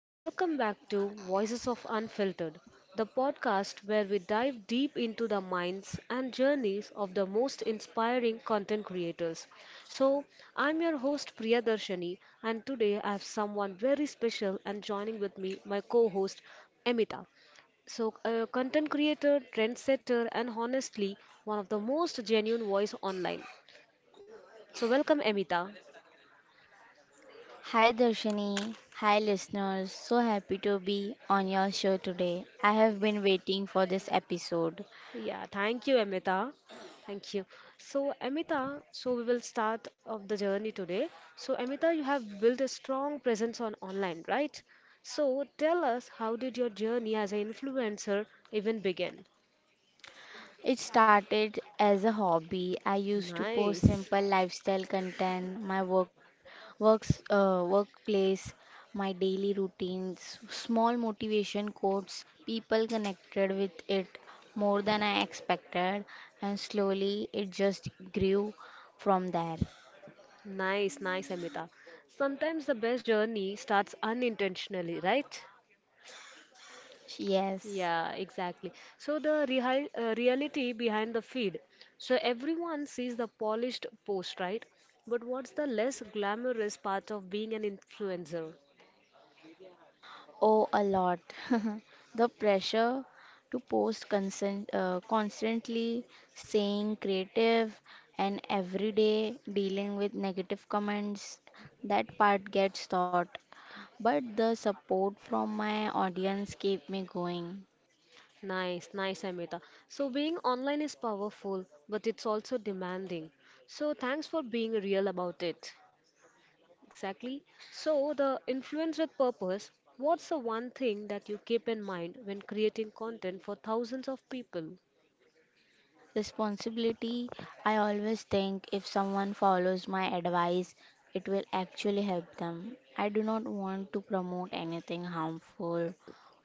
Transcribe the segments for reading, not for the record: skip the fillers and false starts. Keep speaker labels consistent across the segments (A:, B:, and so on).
A: and welcome back to Voices of Unfiltered, the podcast where we dive deep into the minds and journeys of the most inspiring content creators. So, I'm your host Priyadarshini, and today I have someone very special and joining with me my co host Emita. So, a content creator, trendsetter, and honestly, one of the most genuine voice online. So, welcome, Emita.
B: Hi Darshani, hi listeners. So happy to be on your show today. I have been waiting for this episode.
A: Yeah, thank you, Amita. Thank you. So, Amita, so we will start of the journey today. So, Amita, you have built a strong presence on online, right? So, tell us how did your journey as an influencer even begin?
B: It started as a hobby. I used to post
A: Nice.
B: simple lifestyle content, my workplace, my daily routines, small motivation quotes. People connected with it more than I expected, and slowly it just grew from there.
A: Nice, nice, Amita. Sometimes the best journey starts unintentionally, right?
B: Yes.
A: Yeah, exactly. So the real, reality behind the feed. So everyone sees the polished post, right? But what's the less glamorous part of being an influencer?
B: Oh, a lot. The pressure to constantly, staying creative, and every day dealing with negative comments, that part gets thought. But the support from my audience keep me going.
A: Nice, nice, Amita. So being online is powerful, but it's also demanding. So thanks for being real about it. Exactly. So the influence with purpose. What's the one thing that you keep in mind when creating content for thousands of people?
B: Responsibility. I always think if someone follows my advice, it will actually help them. I do not want to promote anything harmful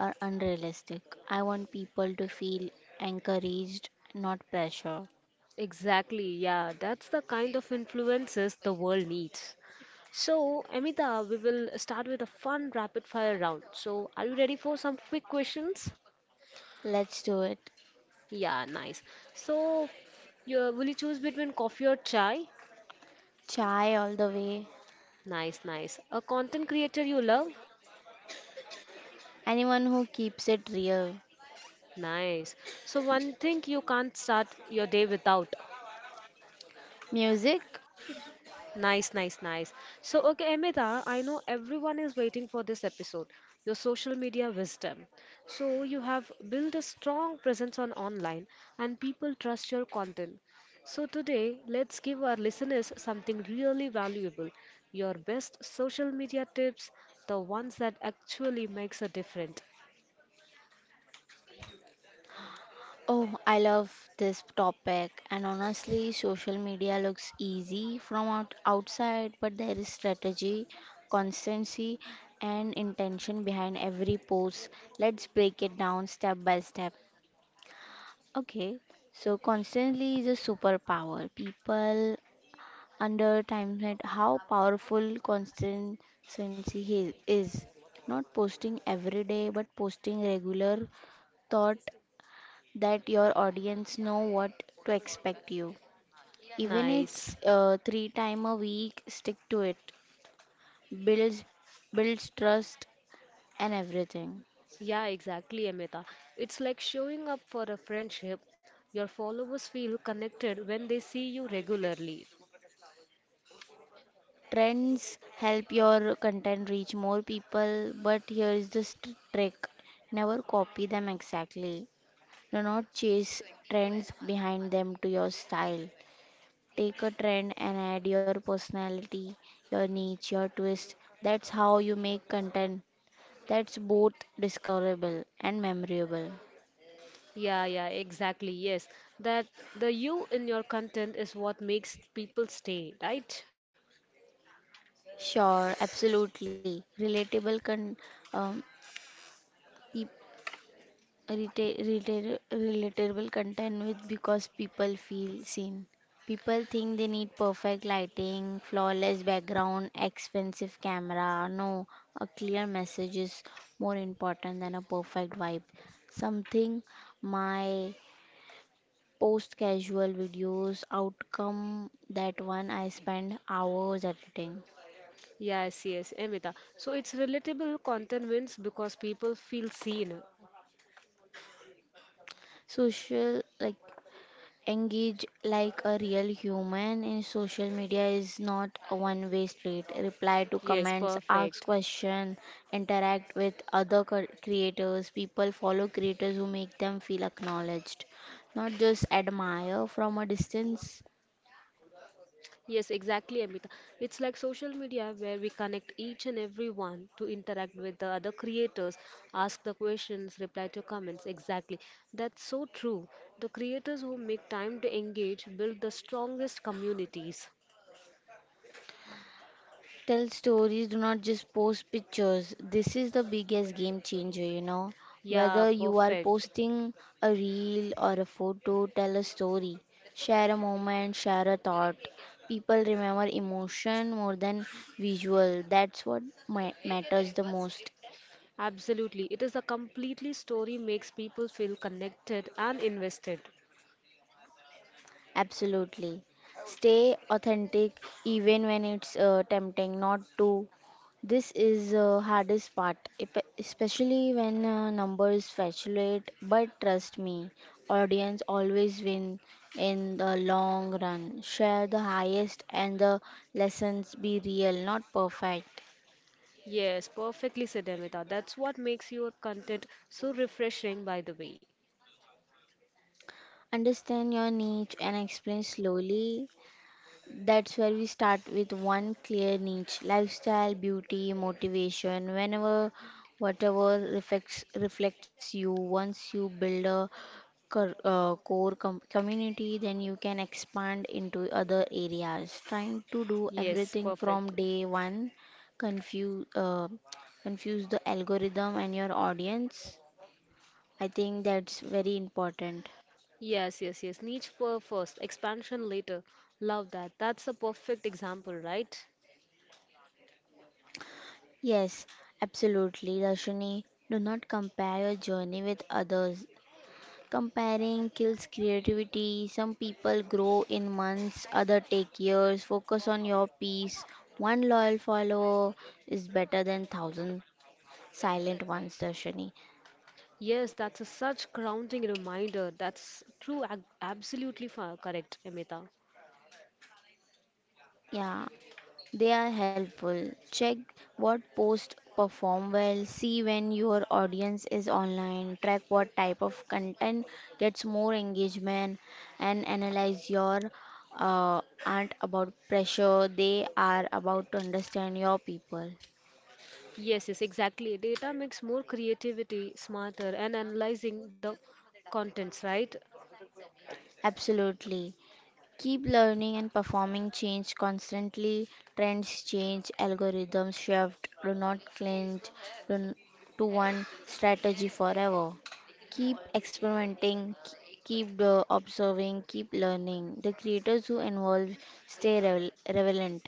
B: or unrealistic. I want people to feel encouraged, not pressure.
A: Exactly, yeah, that's the kind of influences the world needs. So, Amita, we will start with a fun rapid fire round. So, are you ready for some quick questions?
B: Let's do it.
A: Yeah, nice. So, you, will you choose between coffee or chai?
B: Chai all the way.
A: Nice, nice. A content creator you love?
B: Anyone who keeps it real.
A: Nice. So, one thing you can't start your day without?
B: Music?
A: Nice, nice, nice. So, okay, Amita, I know everyone is waiting for this episode, your social media wisdom. So, you have built a strong presence on online and people trust your content. So, today, let's give our listeners something really valuable, your best social media tips, the ones that actually makes a difference.
B: Oh, I love this topic, and honestly, social media looks easy from outside, but there is strategy, constancy, and intention behind every post. Let's break it down step by step. Okay, so constantly is a superpower. People underestimate how powerful is. Not posting every day, but posting regular, thought that your audience know what to expect you. Even
A: Nice.
B: it's three time a week, stick to it. Builds builds trust and everything.
A: Yeah, exactly, Amita. It's like showing up for a friendship. Your followers feel connected when they see you regularly.
B: Trends help your content reach more people, but here is the trick. Never copy them exactly. Do not chase trends behind them to your style. Take a trend and add your personality, your niche, your twist. That's how you make content that's both discoverable and memorable.
A: Yeah, yeah, exactly. Yes. That the you in your content is what makes people stay, right?
B: Sure, absolutely. Um, peop Relatable content with because people feel seen. People think they need perfect lighting, flawless background, expensive camera. No, a clear message is more important than a perfect vibe. Something my post casual videos outcome that one I spend hours editing.
A: Yes, yes, Amita. So it's relatable content wins because people feel seen.
B: Social like engage like a real human in social media is not a one way street. Reply to
A: Yes,
B: comments, ask
A: perfect.
B: question, interact with other creators. People follow creators who make them feel acknowledged, not just admire from a distance.
A: Yes, exactly, Amita. It's like social media where we connect each and every one to interact with the other creators, ask the questions, reply to comments. Exactly. That's so true. The creators who make time to engage build the strongest communities.
B: Tell stories, do not just post pictures. This is the biggest game changer, you know.
A: Yeah,
B: Whether you are
A: perfect.
B: posting a reel or a photo, tell a story. Share a moment, share a thought. People remember emotion more than visual. That's what matters the most.
A: Absolutely. It is a completely story makes people feel connected and invested.
B: Absolutely. Stay authentic even when it's tempting not to. This is the hardest part, especially when numbers fluctuate. But trust me, audience always win in the long run. Share the highest and the lessons. Be real, not perfect.
A: Yes, perfectly said Amita. That's what makes your content so refreshing by the way.
B: Understand your niche and explain slowly. That's where we start with one clear niche: lifestyle, beauty, motivation, whenever, whatever reflects you. Once you build a core community, then you can expand into other areas. Trying to do
A: Yes,
B: everything
A: perfect.
B: from day one, confuse, uh, confuse the algorithm and your audience. I think that's very important.
A: Yes, yes, yes. Niche for first, expansion later. Love that. That's a perfect example, right?
B: Yes, absolutely, Rashini. Do not compare your journey with others. Comparing kills creativity. Some people grow in months, other take years. Focus on your peace. One loyal follower is better than thousand silent ones, Rashini.
A: Yes, that's a such grounding reminder. That's true, absolutely correct, Amita.
B: Yeah. They are helpful. Check what posts perform well, see when your audience is online, track what type of content gets more engagement, and analyze your aren't about pressure, they are about to understand your people.
A: Yes, yes, exactly. Data makes more creativity, smarter, and analyzing the contents, right?
B: Absolutely. Keep learning and performing change constantly. Trends change, algorithms shift. Do not cling to n- to one strategy forever. Keep experimenting, keep observing, keep learning. The creators who involve stay relevant.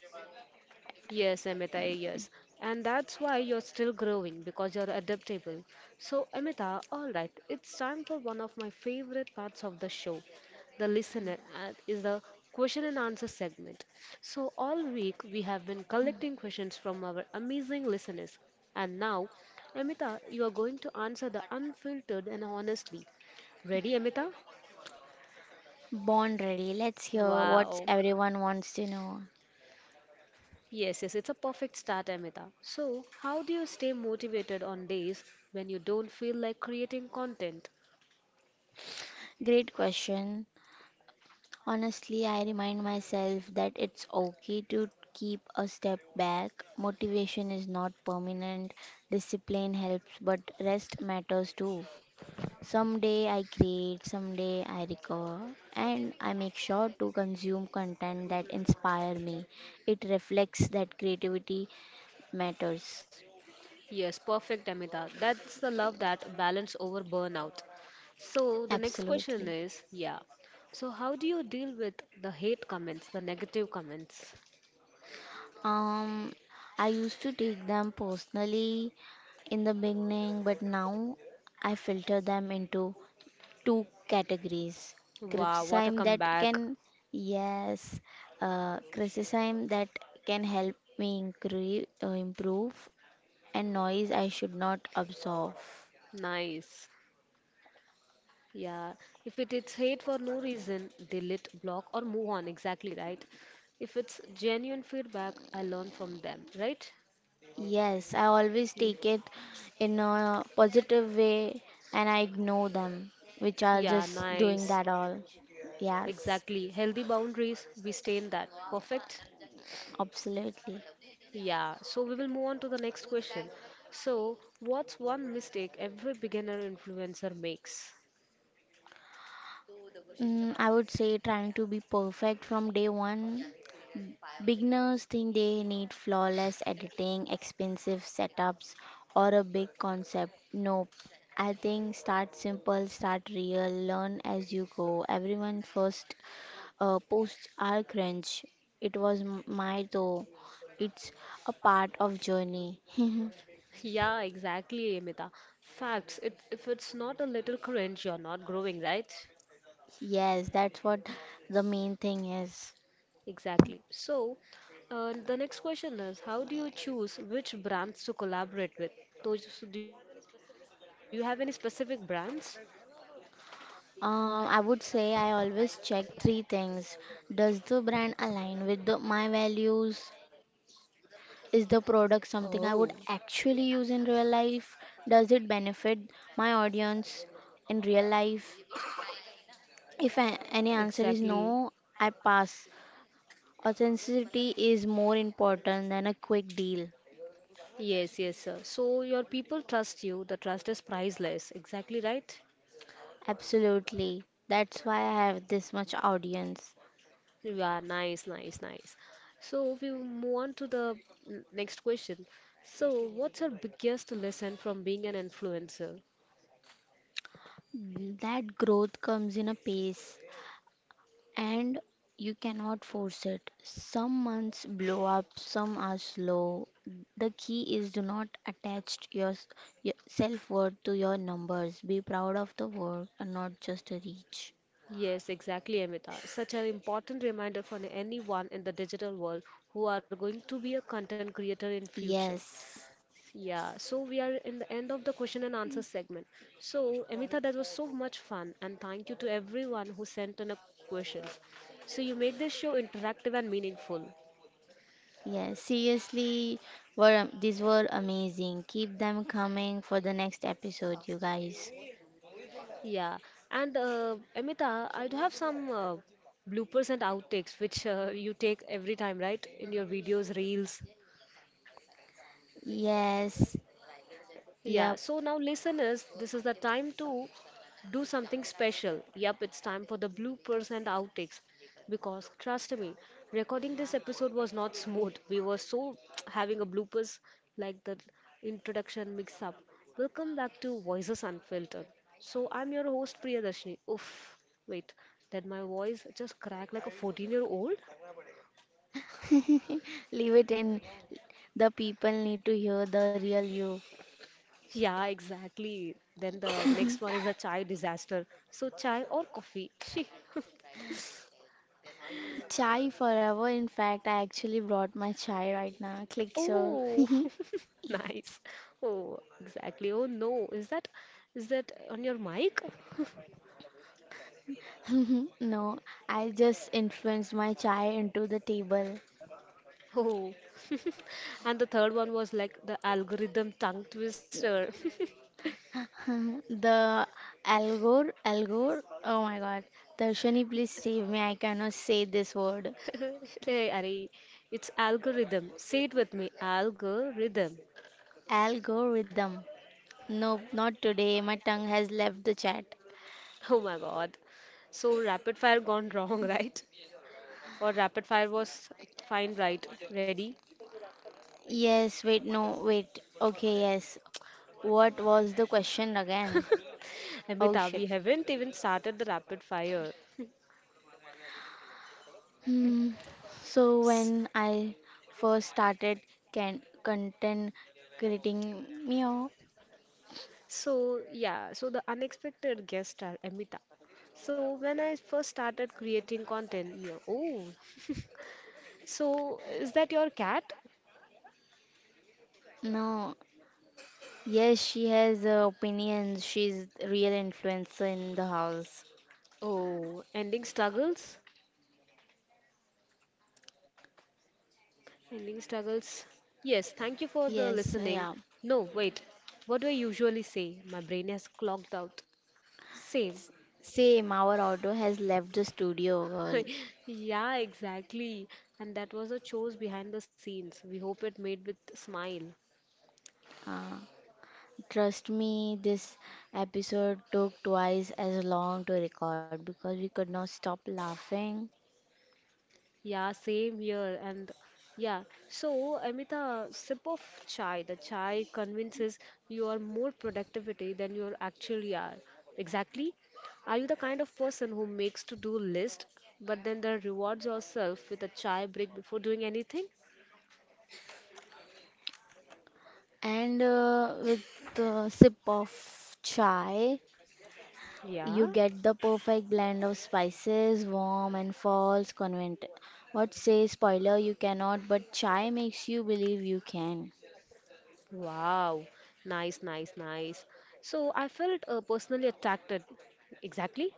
A: Yes, Amita, yes. And that's why you're still growing because you're adaptable. So, Amita, all right, it's time for one of my favorite parts of the show. The listener is the question and answer segment. So, all week we have been collecting questions from our amazing listeners. And now, Amita, you are going to answer the unfiltered and honestly. Ready, Amita?
B: Born ready. Let's hear what
A: Wow.
B: everyone wants to know.
A: Yes, yes, it's a perfect start, Amita. So, how do you stay motivated on days when you don't feel like creating content?
B: Great question. Honestly, I remind myself that it's okay to keep a step back. Motivation is not permanent, discipline helps, but rest matters too. Someday I create, someday I recover, and I make sure to consume content that inspire me. It reflects that creativity matters.
A: Yes, perfect, Amita. That's the love that balance over burnout. So, the next question
B: Absolutely.
A: is, yeah. So, how do you deal with the hate comments, the negative comments?
B: Um, I used to take them personally in the beginning, but now I filter them into two categories.
A: Wow, what a
B: Criticism that
A: comeback.
B: can, yes, Criticism that can help me improve, and noise I should not absorb.
A: Nice. Yeah, if it is hate for no reason, delete, block, or move on. Exactly right. If it's genuine feedback, I learn from them, right?
B: Yes, I always
A: Ye-
B: take it in a positive way and I ignore them, which are
A: Yeah,
B: just doing
A: nice.
B: that all. Yes.
A: Exactly. Healthy boundaries, we stay in that. Perfect.
B: Absolutely.
A: Yeah, so we will move on to the next question. So, what's one mistake every beginner influencer makes?
B: Mm, I would say trying to be perfect from day one. Beginners think they need flawless editing, expensive setups, or a big concept. Nope. I think start simple, start real, learn as you go. Everyone first posts are crunch. It was my though. It's a part of journey.
A: Yeah, exactly, Amita. Facts. It, if it's not a little cringe, you're not growing, right?
B: Yes, that's what the main thing is.
A: Exactly. So, the next question is, how do you choose which brands to collaborate with? Those, so do you have any specific brands?
B: I would say I always check three things. Does the brand align with the, my values? Is the product something I would
A: Oh,
B: actually use in real life? Does it benefit my audience in real life? If any answer is
A: exactly.
B: no, I pass. Authenticity is more important than a quick deal.
A: Yes, yes, sir. So your people trust you. The trust is priceless. Exactly right?
B: Absolutely. That's why I have this much audience.
A: Yeah, nice, nice, nice. So we will move on to the next question. So what's your biggest lesson from being an influencer?
B: That growth comes in a pace, and you cannot force it. Some months blow up, some are slow. The key is do not attach your self worth to your numbers. Be proud of the work and not just the reach.
A: Yes, exactly, Amita. Such an important reminder for anyone in the digital world who are going to be a content creator in future.
B: Yes.
A: Yeah, so we are in the end of the question and answer segment. So, Amita, that was so much fun, and thank you to everyone who sent in a questions. So you made this show interactive and meaningful.
B: Yes, seriously, were these were amazing. Keep them coming for the next episode, you guys.
A: Yeah, and Amita, I do have some bloopers and outtakes which you take every time, right? In your videos, reels.
B: Yes,
A: Yeah,
B: yep.
A: so now, listeners, this is the time to do something special. Yep, it's time for the bloopers and outtakes. Because, trust me, recording this episode was not smooth. We were so having a bloopers like the introduction mix up. Welcome back to Voices Unfiltered. So, I'm your host, Priyadarshini. Oof, wait, did my voice just crack like a 14-year-old?
B: Leave it in. The people need to hear the real you.
A: Yeah, exactly. Then the next one is a chai disaster. So, chai or coffee? She.
B: Chai forever. In fact, I actually brought my chai right now. Click so.
A: Oh, nice. Oh, exactly. Oh no, is that on your mic?
B: No, I just influenced my chai into the table.
A: Oh, and the third one was like the algorithm tongue twister.
B: The Algor, Algor. Oh my God. Darshani, please save me. I cannot say this word.
A: Hey, Ari, it's algorithm. Say it with me, algorithm.
B: Algorithm. Nope, not today. My tongue has left the chat.
A: Oh my God. So rapid fire gone wrong, right? Or rapid fire was fine, right? Ready?
B: Yes, wait, no, wait. Okay, yes. What was the question again? Oh
A: Amita,
B: shit.
A: we haven't even started the rapid fire.
B: Hmm. So when I first started can content creating, meow.
A: So, yeah, so the unexpected guest star, Amita. So, when I first started creating content, yeah, oh, so is that your cat?
B: No, yes, she has opinions. She's real influencer in the house.
A: Oh, ending struggles? Ending struggles. Yes, thank you for the
B: Yes,
A: listening.
B: yeah.
A: No, wait, what do I usually say? My brain has clogged out. Same.
B: S- Same. Our auto has left the studio, girl.
A: Yeah, exactly. And that was a chose behind the scenes. We hope it made with smile.
B: Uh, Trust me, this episode took twice as long to record because we could not stop laughing.
A: Yeah, same here. And yeah, so Amita, sip of chai. The chai convinces you are more productivity than you are actually are. Exactly. Are you the kind of person who makes to-do list, but then the rewards yourself with a chai break before doing anything?
B: And with a sip of chai, you
A: Yeah.
B: get the perfect blend of spices, warm and false convent. What say spoiler you cannot, but chai makes you believe you can.
A: Wow. Nice, nice, nice. So I felt personally attacked. Exactly.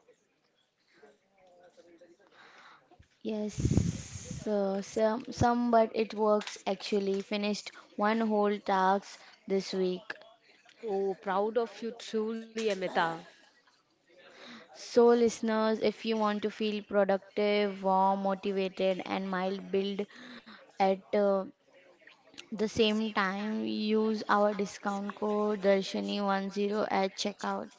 B: Yes, some, but it works actually. Finished one whole task this week.
A: Oh, proud of you truly, Amita.
B: So, listeners, if you want to feel productive, warm, motivated, and mild build at the same time, use our discount code Darshani10 at checkout.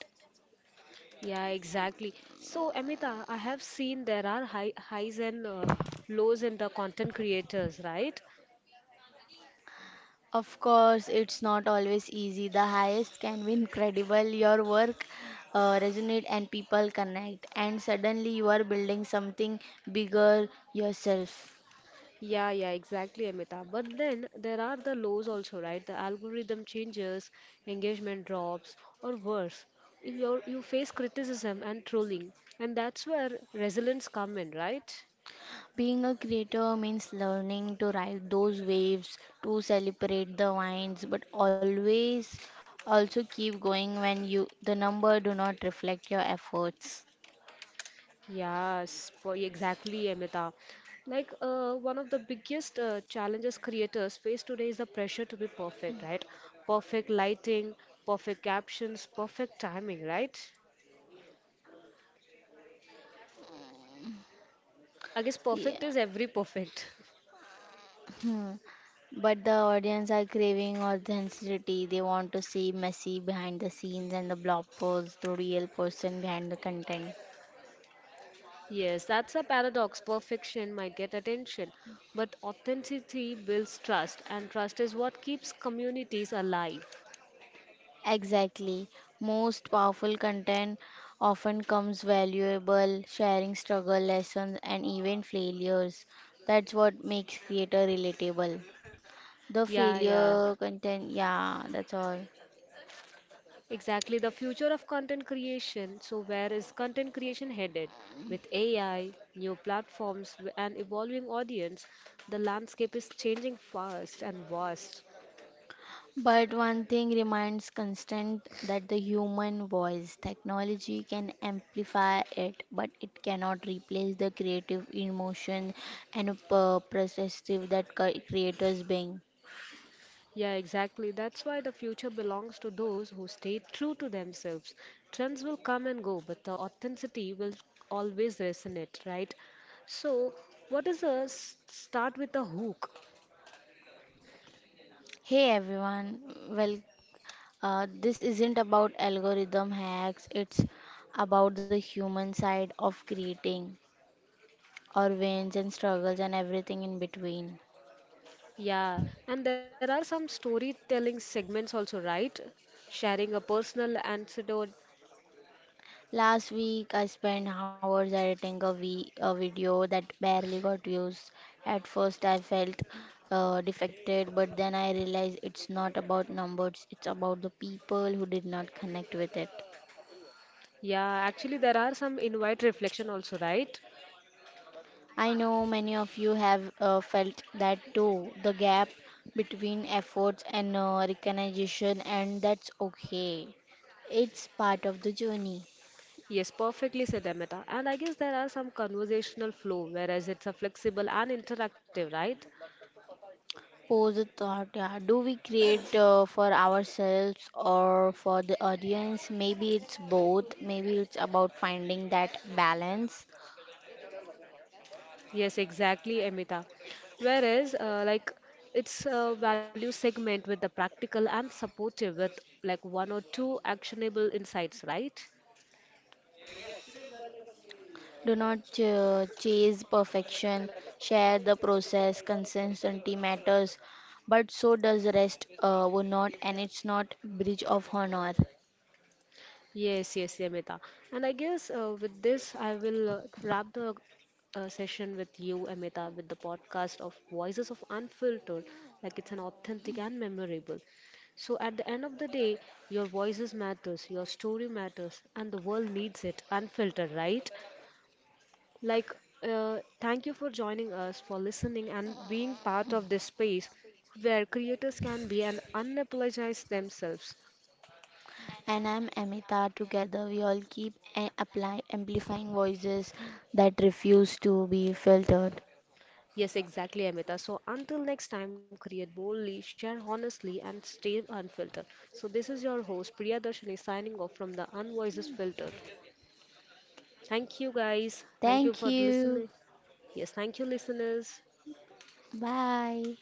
A: Yeah, exactly. So, Amita, I have seen there are high, highs and lows in the content creators, right?
B: Of course, it's not always easy. The highest can be incredible. Your work resonate and people connect, and suddenly you are building something bigger yourself.
A: Yeah, yeah, exactly, Amita. But then there are the lows also, right? The algorithm changes, engagement drops, or worse. You face criticism and trolling, and that's where resilience come in, right?
B: Being a creator means learning to ride those waves, to celebrate the wines, but always also keep going when you the number do not reflect your efforts.
A: Yes, for exactly, Amrita. Like one of the biggest challenges creators face today is the pressure to be perfect, right? Perfect lighting, perfect captions, perfect timing, right? I guess
B: Yeah.
A: perfect is every perfect.
B: Hmm. But the audience are craving authenticity. They want to see messy behind the scenes and the bloppers, the real person behind the content.
A: Yes, that's a paradox. Perfection might get attention, but authenticity builds trust, and trust is what keeps communities alive.
B: Exactly. Most powerful content often comes valuable, sharing struggle, lessons, and even failures. That's what makes creator relatable. The
A: Yeah, yeah.
B: failure content, yeah, that's all.
A: Exactly, the future of content creation. So, where is content creation headed? With AI, new platforms, and evolving audience, the landscape is changing fast and vast.
B: But one thing remains constant that the human voice technology can amplify it, but it cannot replace the creative emotion and perspective that creators bring.
A: Yeah, exactly. That's why the future belongs to those who stay true to themselves. Trends will come and go, but the authenticity will always resonate, right? So, what is a start with a hook?
B: Hey everyone, well, this isn't about algorithm hacks, it's about the human side of creating, our wins and struggles and everything in between.
A: Yeah, and there are some storytelling segments also, right? Sharing a personal anecdote.
B: Last week, I spent hours editing a video that barely got views. At first, I felt defected, but then I realized it's not about numbers, it's about the people who did not connect with it.
A: Yeah, actually, there are some invite reflection also, right?
B: I know many of you have felt that too, the gap between efforts and recognition, and that's okay. It's part of the journey.
A: Yes, perfectly said Amita. And I guess there are some conversational flow, whereas it's a flexible and interactive, right?
B: Pose a thought, yeah. Do we create for ourselves or for the audience? Maybe it's both. Maybe it's about finding that balance.
A: Yes, exactly, Amita. Whereas, like, it's a value segment with the practical and supportive with like one or two actionable insights, right?
B: Do not chase perfection. Share the process. Consistency matters, but so does rest. Would not, and it's not bridge of honor.
A: Yes, yes, Amita. And I guess with this, I will wrap the session with you, Amita, with the podcast of Voices of Unfiltered. Like it's an authentic and memorable. So at the end of the day, your voices matters, your story matters, and the world needs it unfiltered, right? Like, thank you for joining us, for listening, and being part of this space where creators can be and unapologize themselves.
B: And I'm Amita. Together, we all keep and apply amplifying voices that refuse to be filtered.
A: Yes, exactly, Amita. So until next time, create boldly, share honestly, and stay unfiltered. So this is your host Priya Darshini signing off from the Unvoices Filter. Thank you guys. Thank you
B: Thank
A: for
B: you.
A: listening. Yes, thank you listeners.
B: Bye.